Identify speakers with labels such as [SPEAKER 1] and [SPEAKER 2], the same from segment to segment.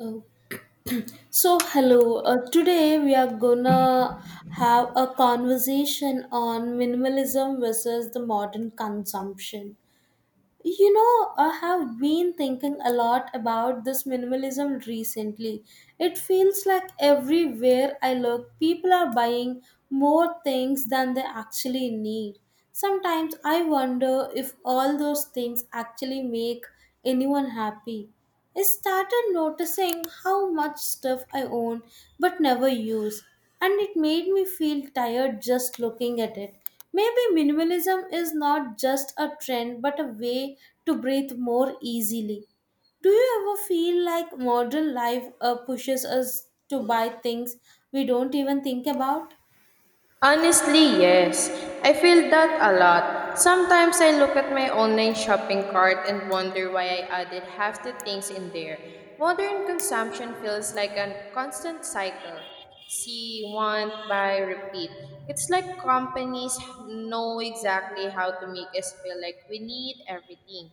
[SPEAKER 1] Oh. So, hello. Today we are gonna have a conversation on minimalism versus the modern consumption. You know, I have been thinking a lot about this minimalism recently. It feels like everywhere I look, people are buying more things than they actually need. Sometimes I wonder if all those things actually make anyone happy. I started noticing how much stuff I own but never use, and it made me feel tired just looking at it. Maybe minimalism is not just a trend but a way to breathe more easily. Do you ever feel like modern life pushes us to buy things we don't even think about?
[SPEAKER 2] Honestly, yes. I feel that a lot. Sometimes I look at my online shopping cart and wonder why I added half the things in there. Modern consumption feels like a constant cycle. See, want, buy, repeat. It's like companies know exactly how to make us feel like we need everything.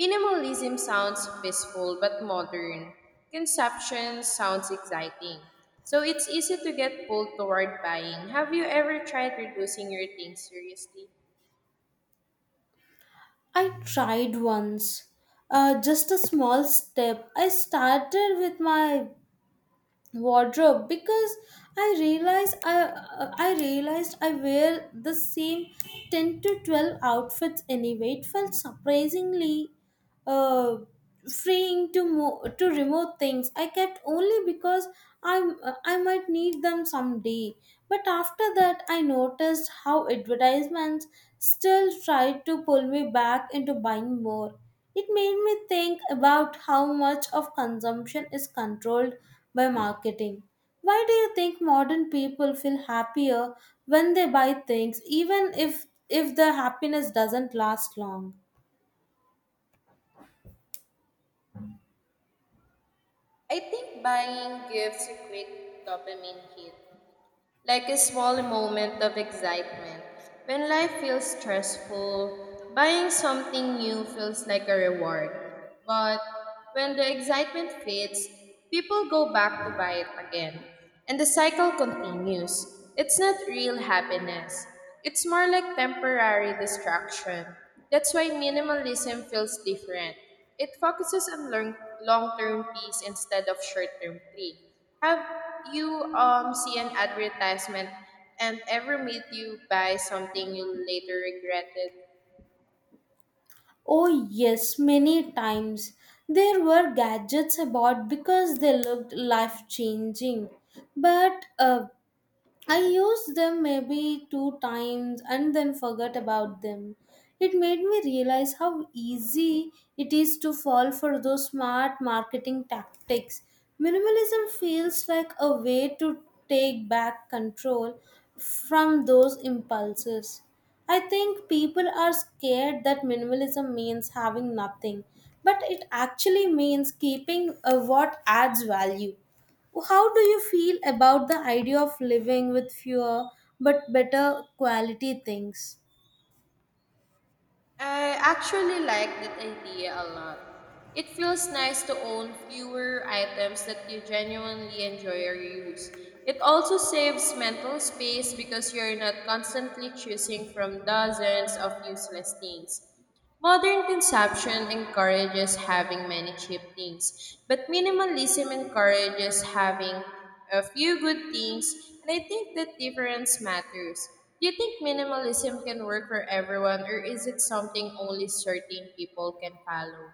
[SPEAKER 2] Minimalism sounds peaceful but modern. Consumption sounds exciting. So it's easy to get pulled toward buying. Have you ever tried reducing your things seriously?
[SPEAKER 1] I tried once. Just a small step. I started with my wardrobe because I realized I wear the same 10 to 12 outfits anyway. It felt surprisingly uh, freeing to remove things I kept only because I I might need them someday. But after that, I noticed how advertisements still tried to pull me back into buying more. It made me think about how much of consumption is controlled by marketing. Why do you think modern people feel happier when they buy things, even if the happiness doesn't last long?
[SPEAKER 2] I think buying gives a quick dopamine hit, like a small moment of excitement. When life feels stressful, buying something new feels like a reward. But when the excitement fades, people go back to buy it again, and the cycle continues. It's not real happiness, it's more like temporary distraction. That's why minimalism feels different. It focuses on long term peace instead of short term thrill. Have you see an advertisement and ever made you buy something you later regretted?
[SPEAKER 1] Oh, yes, many times. There were gadgets about because they looked life changing. But I used them maybe two times and then forgot about them. It made me realize how easy it is to fall for those smart marketing tactics. Minimalism feels like a way to take back control from those impulses. I think people are scared that minimalism means having nothing, but it actually means keeping what adds value. How do you feel about the idea of living with fewer but better quality things?
[SPEAKER 2] I actually like that idea a lot. It feels nice to own fewer items that you genuinely enjoy or use. It also saves mental space because you're not constantly choosing from dozens of useless things. Modern consumption encourages having many cheap things, but minimalism encourages having a few good things, and I think that difference matters. Do you think minimalism can work for everyone, or is it something only certain people can follow?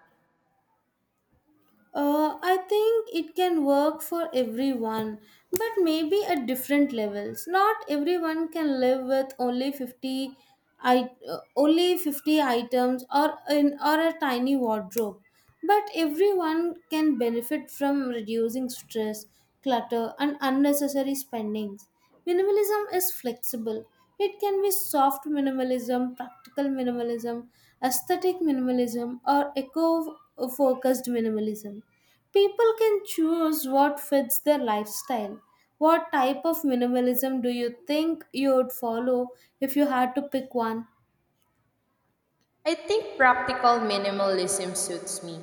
[SPEAKER 1] I think it can work for everyone, but maybe at different levels. Not everyone can live with only 50 items or a tiny wardrobe. But everyone can benefit from reducing stress, clutter and unnecessary spendings. Minimalism is flexible. It can be soft minimalism, practical minimalism, aesthetic minimalism, or eco focused minimalism. People can choose what fits their lifestyle. What type of minimalism do you think you would follow if you had to pick one?
[SPEAKER 2] I think practical minimalism suits me.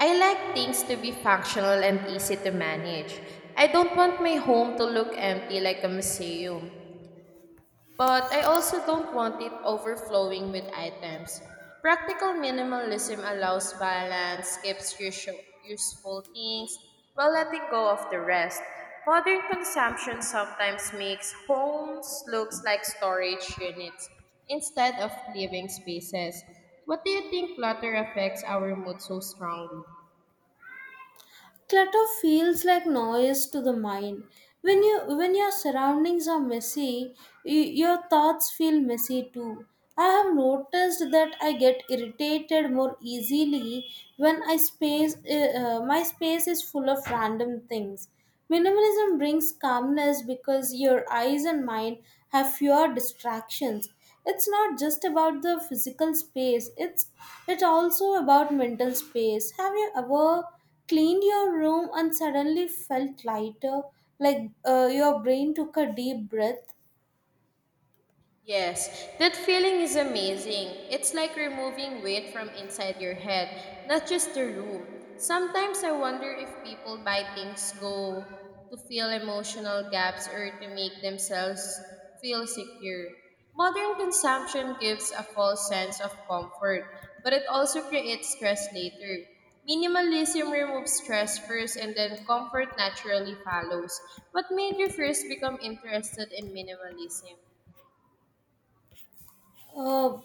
[SPEAKER 2] I like things to be functional and easy to manage. I don't want my home to look empty like a museum. But I also don't want it overflowing with items. Practical minimalism allows balance, keeps useful things while letting go of the rest. Modern consumption sometimes makes homes looks like storage units instead of living spaces. What do you think clutter affects our mood so strongly?
[SPEAKER 1] Clutter feels like noise to the mind when you when your surroundings are messy, your thoughts feel messy too. I have noticed that I get irritated more easily when I space my space is full of random things. Minimalism brings calmness because your eyes and mind have fewer distractions. It's not just about the physical space, it's also about mental space. Have you ever cleaned your room and suddenly felt lighter, like your brain took a deep breath.
[SPEAKER 2] Yes, that feeling is amazing. It's like removing weight from inside your head, not just the room. Sometimes I wonder if people buy things go to fill emotional gaps or to make themselves feel secure. Modern consumption gives a false sense of comfort, but it also creates stress later. Minimalism removes stress first and then comfort naturally follows. What made you first become interested in minimalism?
[SPEAKER 1] Uh,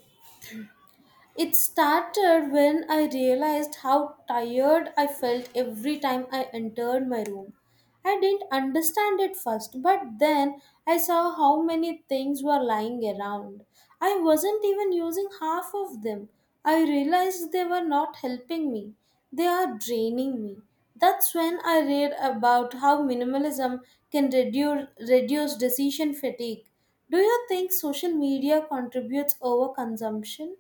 [SPEAKER 1] It started when I realized how tired I felt every time I entered my room. I didn't understand it first, but then I saw how many things were lying around. I wasn't even using half of them. I realized they were not helping me, they are draining me. That's when I read about how minimalism can reduce decision fatigue. Do you think social media contributes overconsumption?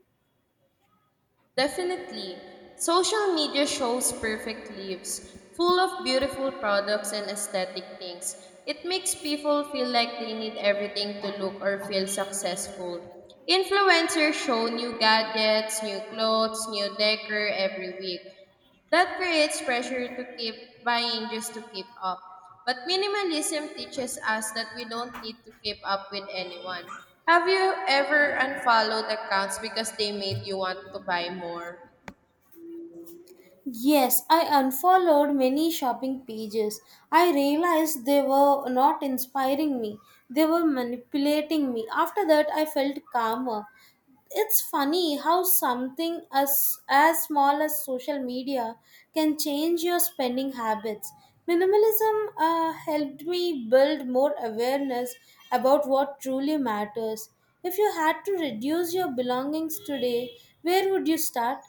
[SPEAKER 2] Definitely. Social media shows perfect lives, full of beautiful products and aesthetic things. It makes people feel like they need everything to look or feel successful. Influencers show new gadgets, new clothes, new decor every week. That creates pressure to keep buying just to keep up. But minimalism teaches us that we don't need to keep up with anyone. Have you ever unfollowed accounts because they made you want to buy more?
[SPEAKER 1] Yes, I unfollowed many shopping pages. I realized they were not inspiring me, they were manipulating me. After that, I felt calmer. It's funny how something as small as social media can change your spending habits. Minimalism helped me build more awareness about what truly matters. If you had to reduce your belongings today, where would you start?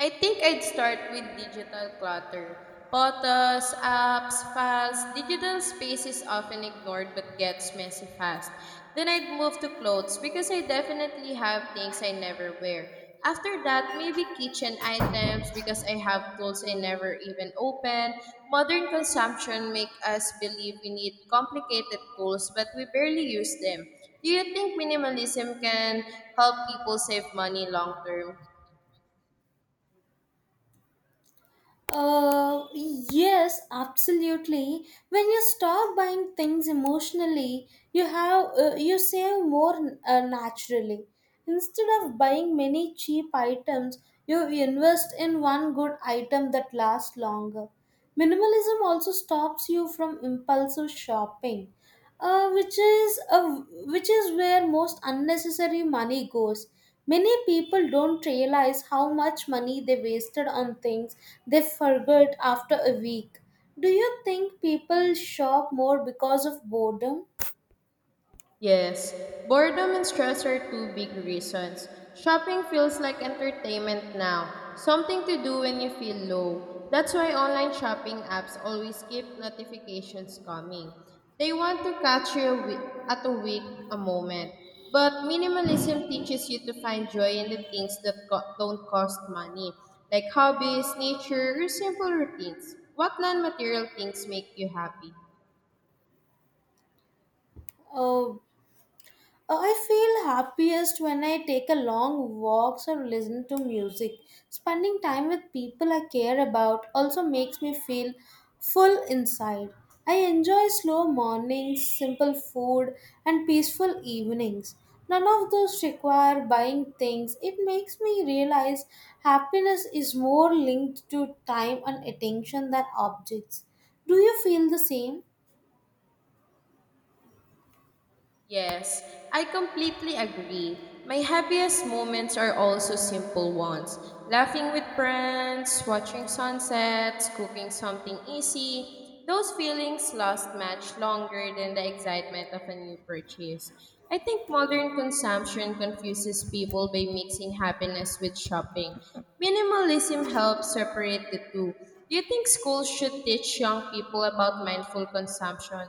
[SPEAKER 2] I think I'd start with digital clutter. Photos, apps, files, digital space is often ignored but gets messy fast. Then I'd move to clothes because I definitely have things I never wear. After that, maybe kitchen items because I have tools I never even open. Modern consumption make us believe we need complicated tools but we barely use them. Do you think minimalism can help people save money long term?
[SPEAKER 1] Yes, absolutely. When you stop buying things emotionally, you save more naturally. Instead of buying many cheap items, you invest in one good item that lasts longer. Minimalism also stops you from impulsive shopping, uh, which is a, which is where most unnecessary money goes. Many people don't realize how much money they wasted on things they forgot after a week. Do you think people shop more because of boredom?
[SPEAKER 2] Yes, boredom and stress are two big reasons. Shopping feels like entertainment now, something to do when you feel low. That's why online shopping apps always keep notifications coming. They want to catch you a at a weak a moment. But minimalism teaches you to find joy in the things that don't cost money, like hobbies, nature, or simple routines. What non material things make you happy?
[SPEAKER 1] Uh, I feel happiest when I take a long walks or listen to music. Spending time with people I care about also makes me feel full inside. I enjoy slow mornings, simple food, and peaceful evenings. None of those require buying things. It makes me realize happiness is more linked to time and attention than objects. Do you feel the same?
[SPEAKER 2] Yes, I completely agree. My happiest moments are also simple ones. Laughing with friends, watching sunsets, cooking something easy. Those feelings last much longer than the excitement of a new purchase. I think modern consumption confuses people by mixing happiness with shopping. Minimalism helps separate the two. Do you think schools should teach young people about mindful consumption?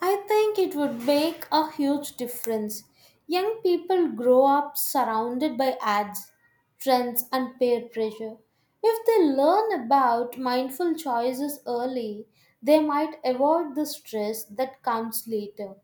[SPEAKER 1] I think it would make a huge difference. Young people grow up surrounded by ads, trends, and peer pressure. If they learn about mindful choices early, they might avoid the stress that comes later.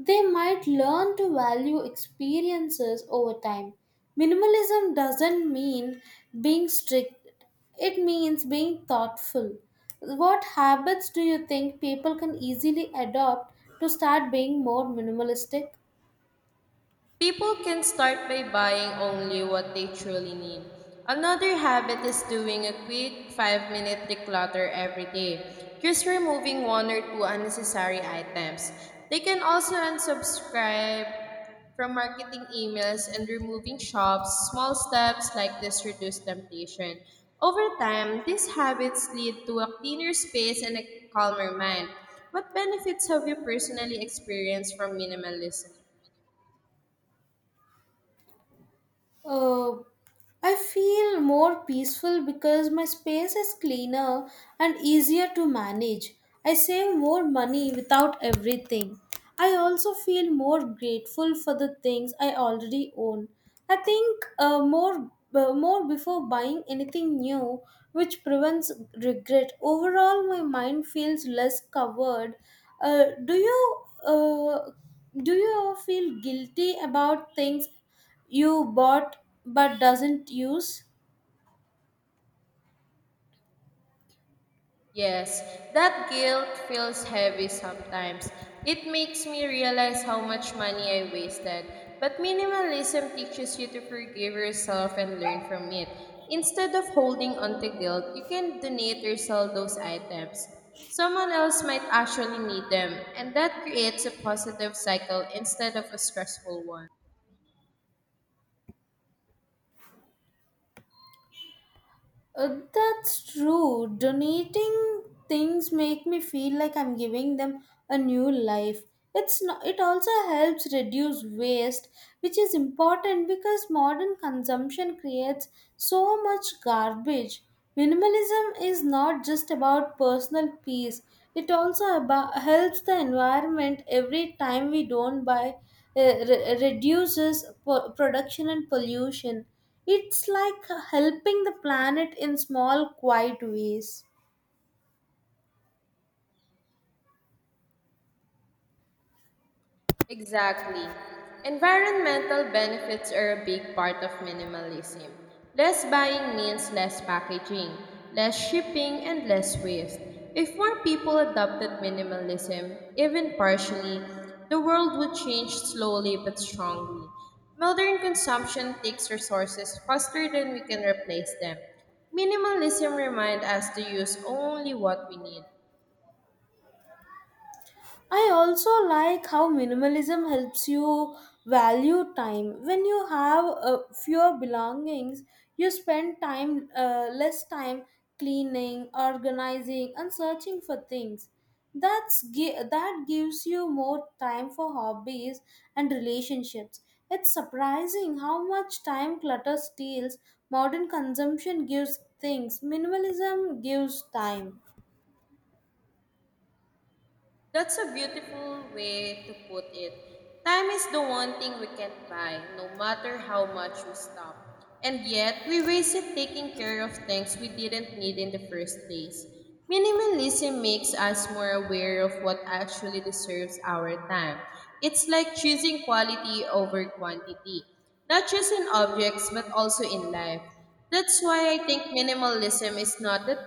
[SPEAKER 1] They might learn to value experiences over time. Minimalism doesn't mean being strict, it means being thoughtful. What habits do you think people can easily adopt to start being more minimalistic?
[SPEAKER 2] People can start by buying only what they truly need. Another habit is doing a quick 5-minute declutter every day, just removing one or two unnecessary items. They can also unsubscribe from marketing emails and removing shops. Small steps like this reduce temptation. Over time, these habits lead to a cleaner space and a calmer mind. What benefits have you personally experienced from minimalism?
[SPEAKER 1] Uh, I feel more peaceful because my space is cleaner and easier to manage. I save more money without everything. I also feel more grateful for the things I already own. I think more before buying anything new, which prevents regret. Overall, my mind feels less covered. Uh, do you uh, do you feel guilty about things you bought but doesn't use?
[SPEAKER 2] Yes, that guilt feels heavy sometimes. It makes me realize how much money I wasted. But minimalism teaches you to forgive yourself and learn from it. Instead of holding on to guilt, you can donate or sell those items. Someone else might actually need them, and that creates a positive cycle instead of a stressful one.
[SPEAKER 1] That's true. Donating things make me feel like I'm giving them a new life. It's not, it also helps reduce waste, which is important because modern consumption creates so much garbage. Minimalism is not just about personal peace. It also about, helps the environment every time we don't buy, reduces production and pollution. It's like helping the planet in small, quiet ways.
[SPEAKER 2] Exactly. Environmental benefits are a big part of minimalism. Less buying means less packaging, less shipping, and less waste. If more people adopted minimalism, even partially, the world would change slowly but strongly. Modern consumption takes resources faster than we can replace them. Minimalism reminds us to use only what we need.
[SPEAKER 1] I also like how minimalism helps you value time. When you have fewer belongings, you spend time less time cleaning, organizing, and searching for things. That gives you more time for hobbies and relationships. It's surprising how much time clutter steals. Modern consumption gives things. Minimalism gives time.
[SPEAKER 2] That's a beautiful way to put it. Time is the one thing we can't buy, no matter how much we stop. And yet, we waste it taking care of things we didn't need in the first place. Minimalism makes us more aware of what actually deserves our time. It's like choosing quality over quantity, not just in objects, but also in life. That's why I think minimalism is not the.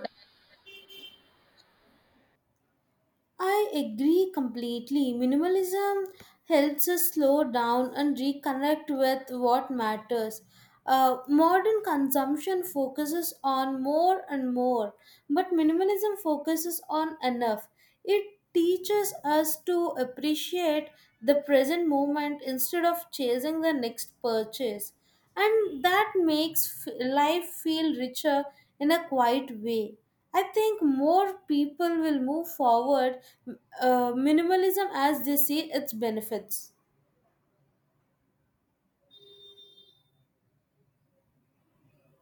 [SPEAKER 1] I agree completely. Minimalism helps us slow down and reconnect with what matters. Modern consumption focuses on more and more, but minimalism focuses on enough. It teaches us to appreciate the present moment instead of chasing the next purchase, and that makes life feel richer in a quiet way. I think more people will move forward minimalism as they see its benefits.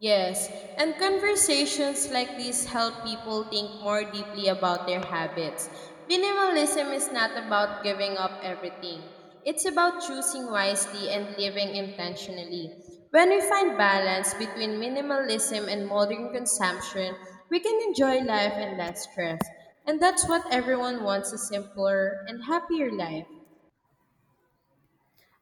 [SPEAKER 2] Yes, and conversations like these help people think more deeply about their habits. Minimalism is not about giving up everything, it's about choosing wisely and living intentionally. When we find balance between minimalism and modern consumption, we can enjoy life and less stress. And that's what everyone wants, a simpler and happier life.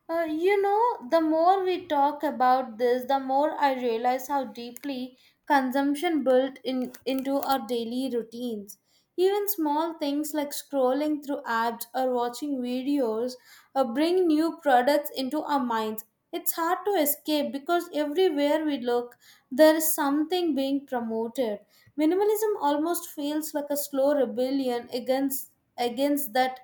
[SPEAKER 1] The more we talk about this, the more I realize how deeply consumption built in into our daily routines. Even small things like scrolling through apps or watching videos bring new products into our minds. It's hard to escape because everywhere we look, there is something being promoted. Minimalism almost feels like a slow rebellion against against that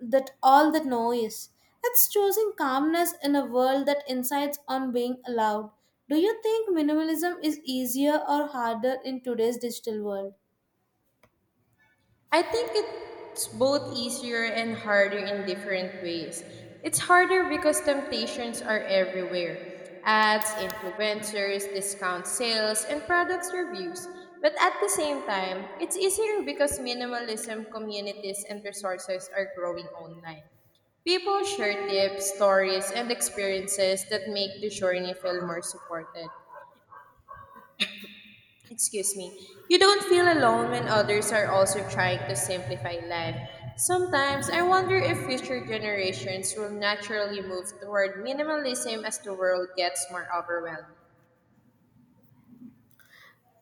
[SPEAKER 1] that all the noise. It's choosing calmness in a world that insists on being loud. Do you think minimalism is easier or harder in today's digital world?
[SPEAKER 2] I think it's both easier and harder in different ways. It's harder because temptations are everywhere, ads, influencers, discount sales, and products reviews. But at the same time, it's easier because minimalism communities and resources are growing online. People share tips, stories, and experiences that make the journey feel more supported. Excuse me. You don't feel alone when others are also trying to simplify life. Sometimes I wonder if future generations will naturally move toward minimalism as the world gets more overwhelmed.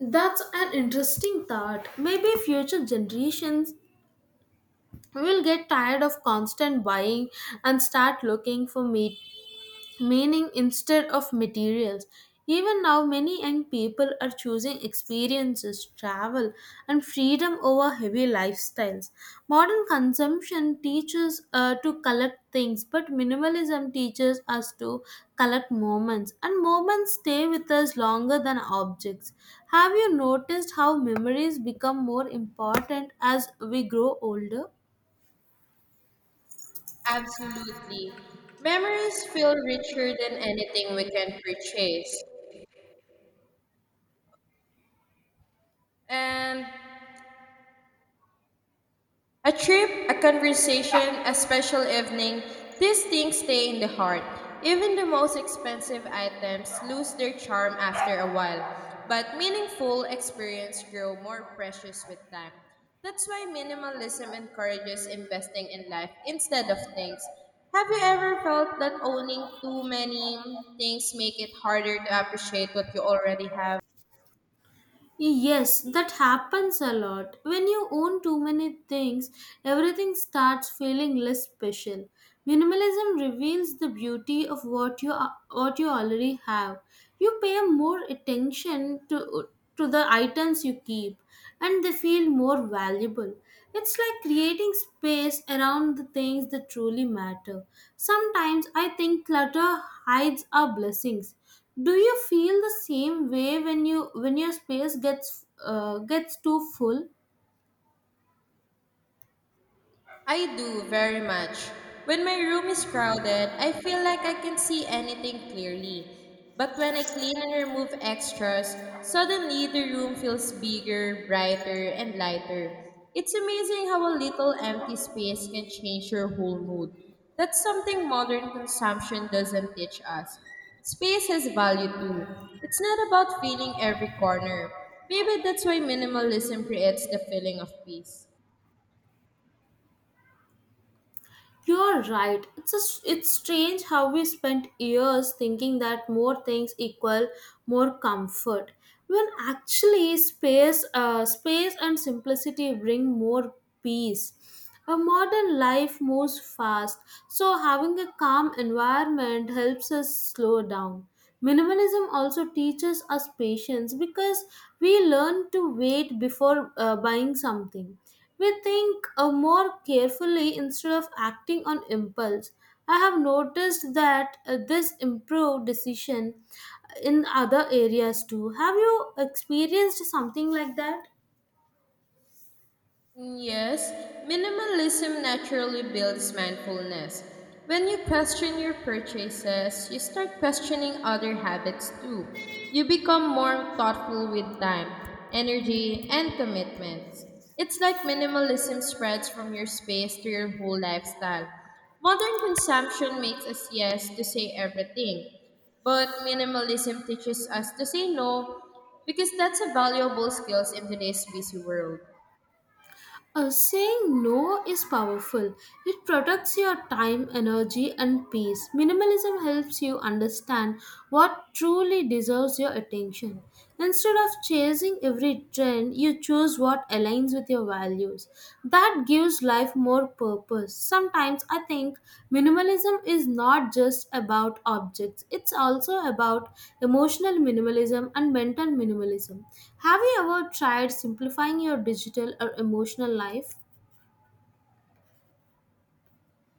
[SPEAKER 1] That's an interesting thought. Maybe future generations will get tired of constant buying and start looking for me meaning instead of materials. Even now, many young people are choosing experiences, travel, and freedom over heavy lifestyles. Modern consumption teaches to collect things, but minimalism teaches us to collect moments, and moments stay with us longer than objects. Have you noticed how memories become more important as we grow older?
[SPEAKER 2] Absolutely. Memories feel richer than anything we can purchase. And a trip, a conversation, a special evening, these things stay in the heart. Even the most expensive items lose their charm after a while, but meaningful experiences grow more precious with time. That's why minimalism encourages investing in life instead of things. Have you ever felt that owning too many things make it harder to appreciate what you already have?
[SPEAKER 1] Yes, that happens a lot. When you own too many things, everything starts feeling less special. Minimalism reveals the beauty of what you already have. You pay more attention to the items you keep and they feel more valuable. It's like creating space around the things that truly matter. Sometimes I think clutter hides our blessings. Do you feel the same way when your space gets gets too full?
[SPEAKER 2] I do very much. When my room is crowded, I feel like I can see anything clearly. But when I clean and remove extras, suddenly the room feels bigger, brighter, and lighter. It's amazing how a little empty space can change your whole mood. That's something modern consumption doesn't teach us. Space has value too. It's not about filling every corner. Maybe that's why minimalism creates the feeling of peace.
[SPEAKER 1] You're right. It's a. it's strange how we spent years thinking that more things equal more comfort, when actually space and simplicity bring more peace. A modern life moves fast, so having a calm environment helps us slow down. Minimalism also teaches us patience because we learn to wait before buying something. We think more carefully instead of acting on impulse. I have noticed that this improved decision in other areas too. Have you experienced something like that?
[SPEAKER 2] Yes, minimalism naturally builds mindfulness. When you question your purchases, you start questioning other habits too. You become more thoughtful with time, energy, and commitments. It's like minimalism spreads from your space to your whole lifestyle. Modern consumption makes us yes to say everything, but minimalism teaches us to say no, because that's a valuable skill in today's busy world.
[SPEAKER 1] Saying no is powerful. It protects your time, energy, and peace. Minimalism helps you understand what truly deserves your attention. Instead of chasing every trend, you choose what aligns with your values. That gives life more purpose. Sometimes I think minimalism is not just about objects, it's also about emotional minimalism and mental minimalism. Have you ever tried simplifying your digital or emotional life?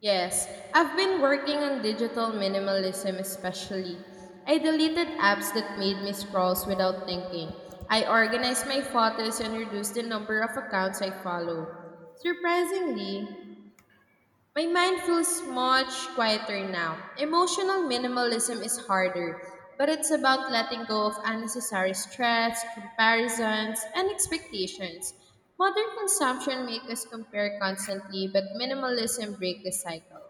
[SPEAKER 2] Yes, I've been working on digital minimalism especially. I deleted apps that made me scroll without thinking. I organized my photos and reduced the number of accounts I follow. Surprisingly, my mind feels much quieter now. Emotional minimalism is harder, but it's about letting go of unnecessary stress, comparisons, and expectations. Modern consumption makes us compare constantly, but minimalism breaks the cycle.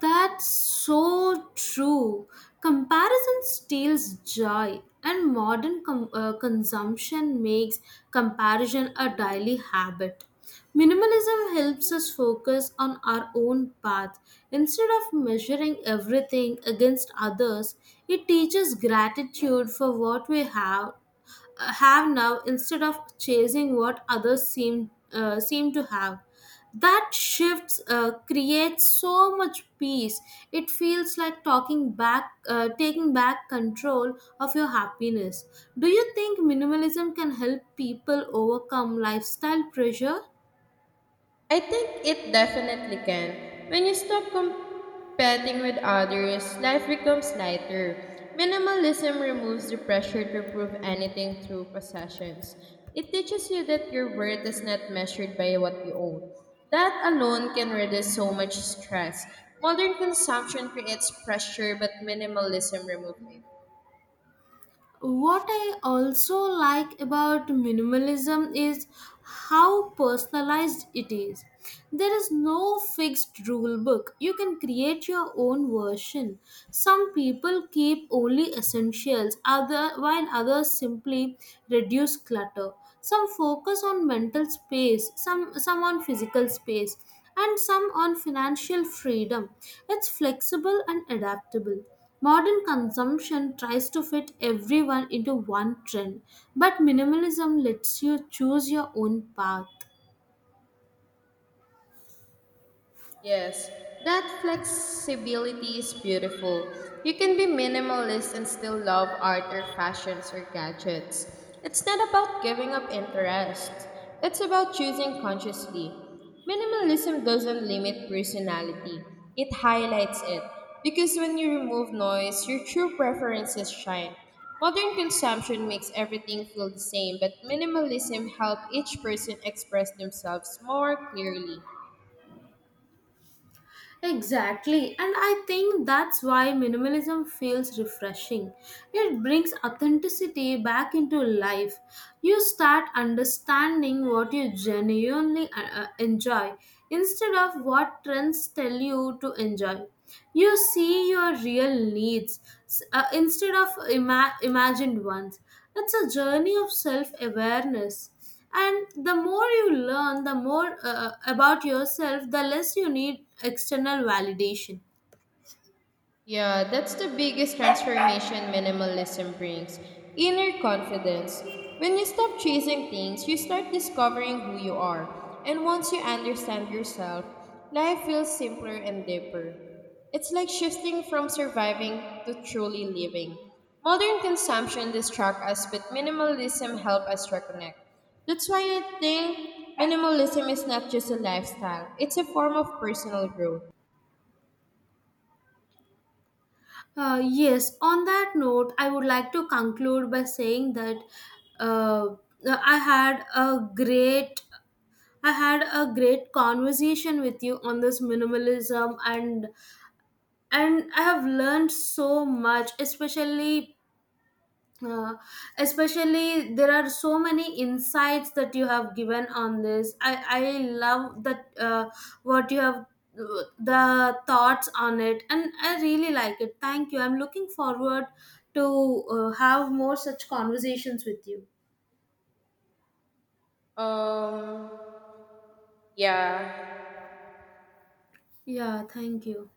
[SPEAKER 1] That's so true. Comparison steals joy, and modern consumption makes comparison a daily habit. Minimalism helps us focus on our own path. Instead of measuring everything against others, it teaches gratitude for what we have now instead of chasing what others seem to have. That shifts uh, creates so much peace. It feels like talking back taking back control of your happiness. Do you think minimalism can help people overcome lifestyle pressure?
[SPEAKER 2] I think it definitely can. When you stop competing with others, life becomes lighter. Minimalism removes the pressure to prove anything through possessions. It teaches you that your worth is not measured by what you own. That alone can reduce so much stress. Modern consumption creates pressure, but minimalism removes it.
[SPEAKER 1] What I also like about minimalism is how personalized it is. There is no fixed rule book. You can create your own version. Some people keep only essentials, other while others simply reduce clutter. Some focus on mental space, some on physical space, and some on financial freedom. It's flexible and adaptable. Modern consumption tries to fit everyone into one trend, but minimalism lets you choose your own path.
[SPEAKER 2] Yes, that flexibility is beautiful. You can be minimalist and still love art or fashions or gadgets. It's not about giving up interest, it's about choosing consciously. Minimalism doesn't limit personality, it highlights it. Because when you remove noise, your true preferences shine. Modern consumption makes everything feel the same, but minimalism helps each person express themselves more clearly.
[SPEAKER 1] Exactly, and I think that's why minimalism feels refreshing. It brings authenticity back into life. You start understanding what you genuinely enjoy instead of what trends tell you to enjoy. You see your real needs instead of imagined ones. It's a journey of self awareness, and the more you learn the more about yourself, the less you need external validation.
[SPEAKER 2] Yeah, that's the biggest transformation minimalism brings, inner confidence. When you stop chasing things, you start discovering who you are. And once you understand yourself, life feels simpler and deeper. It's like shifting from surviving to truly living. Modern consumption distracts us, but minimalism helps us reconnect. That's why I think minimalism is not just a lifestyle, it's a form of personal growth.
[SPEAKER 1] Yes on that note, I would like to conclude by saying that, uh, uh, i had a great I had a great conversation with you on this minimalism, and I have learned so much, uh, especially there are so many insights that you have given on this. I love that what you have, the thoughts on it, and I really like it. Thank you. I'm looking forward to have more such conversations with you.
[SPEAKER 2] Um, yeah.
[SPEAKER 1] Yeah, thank you.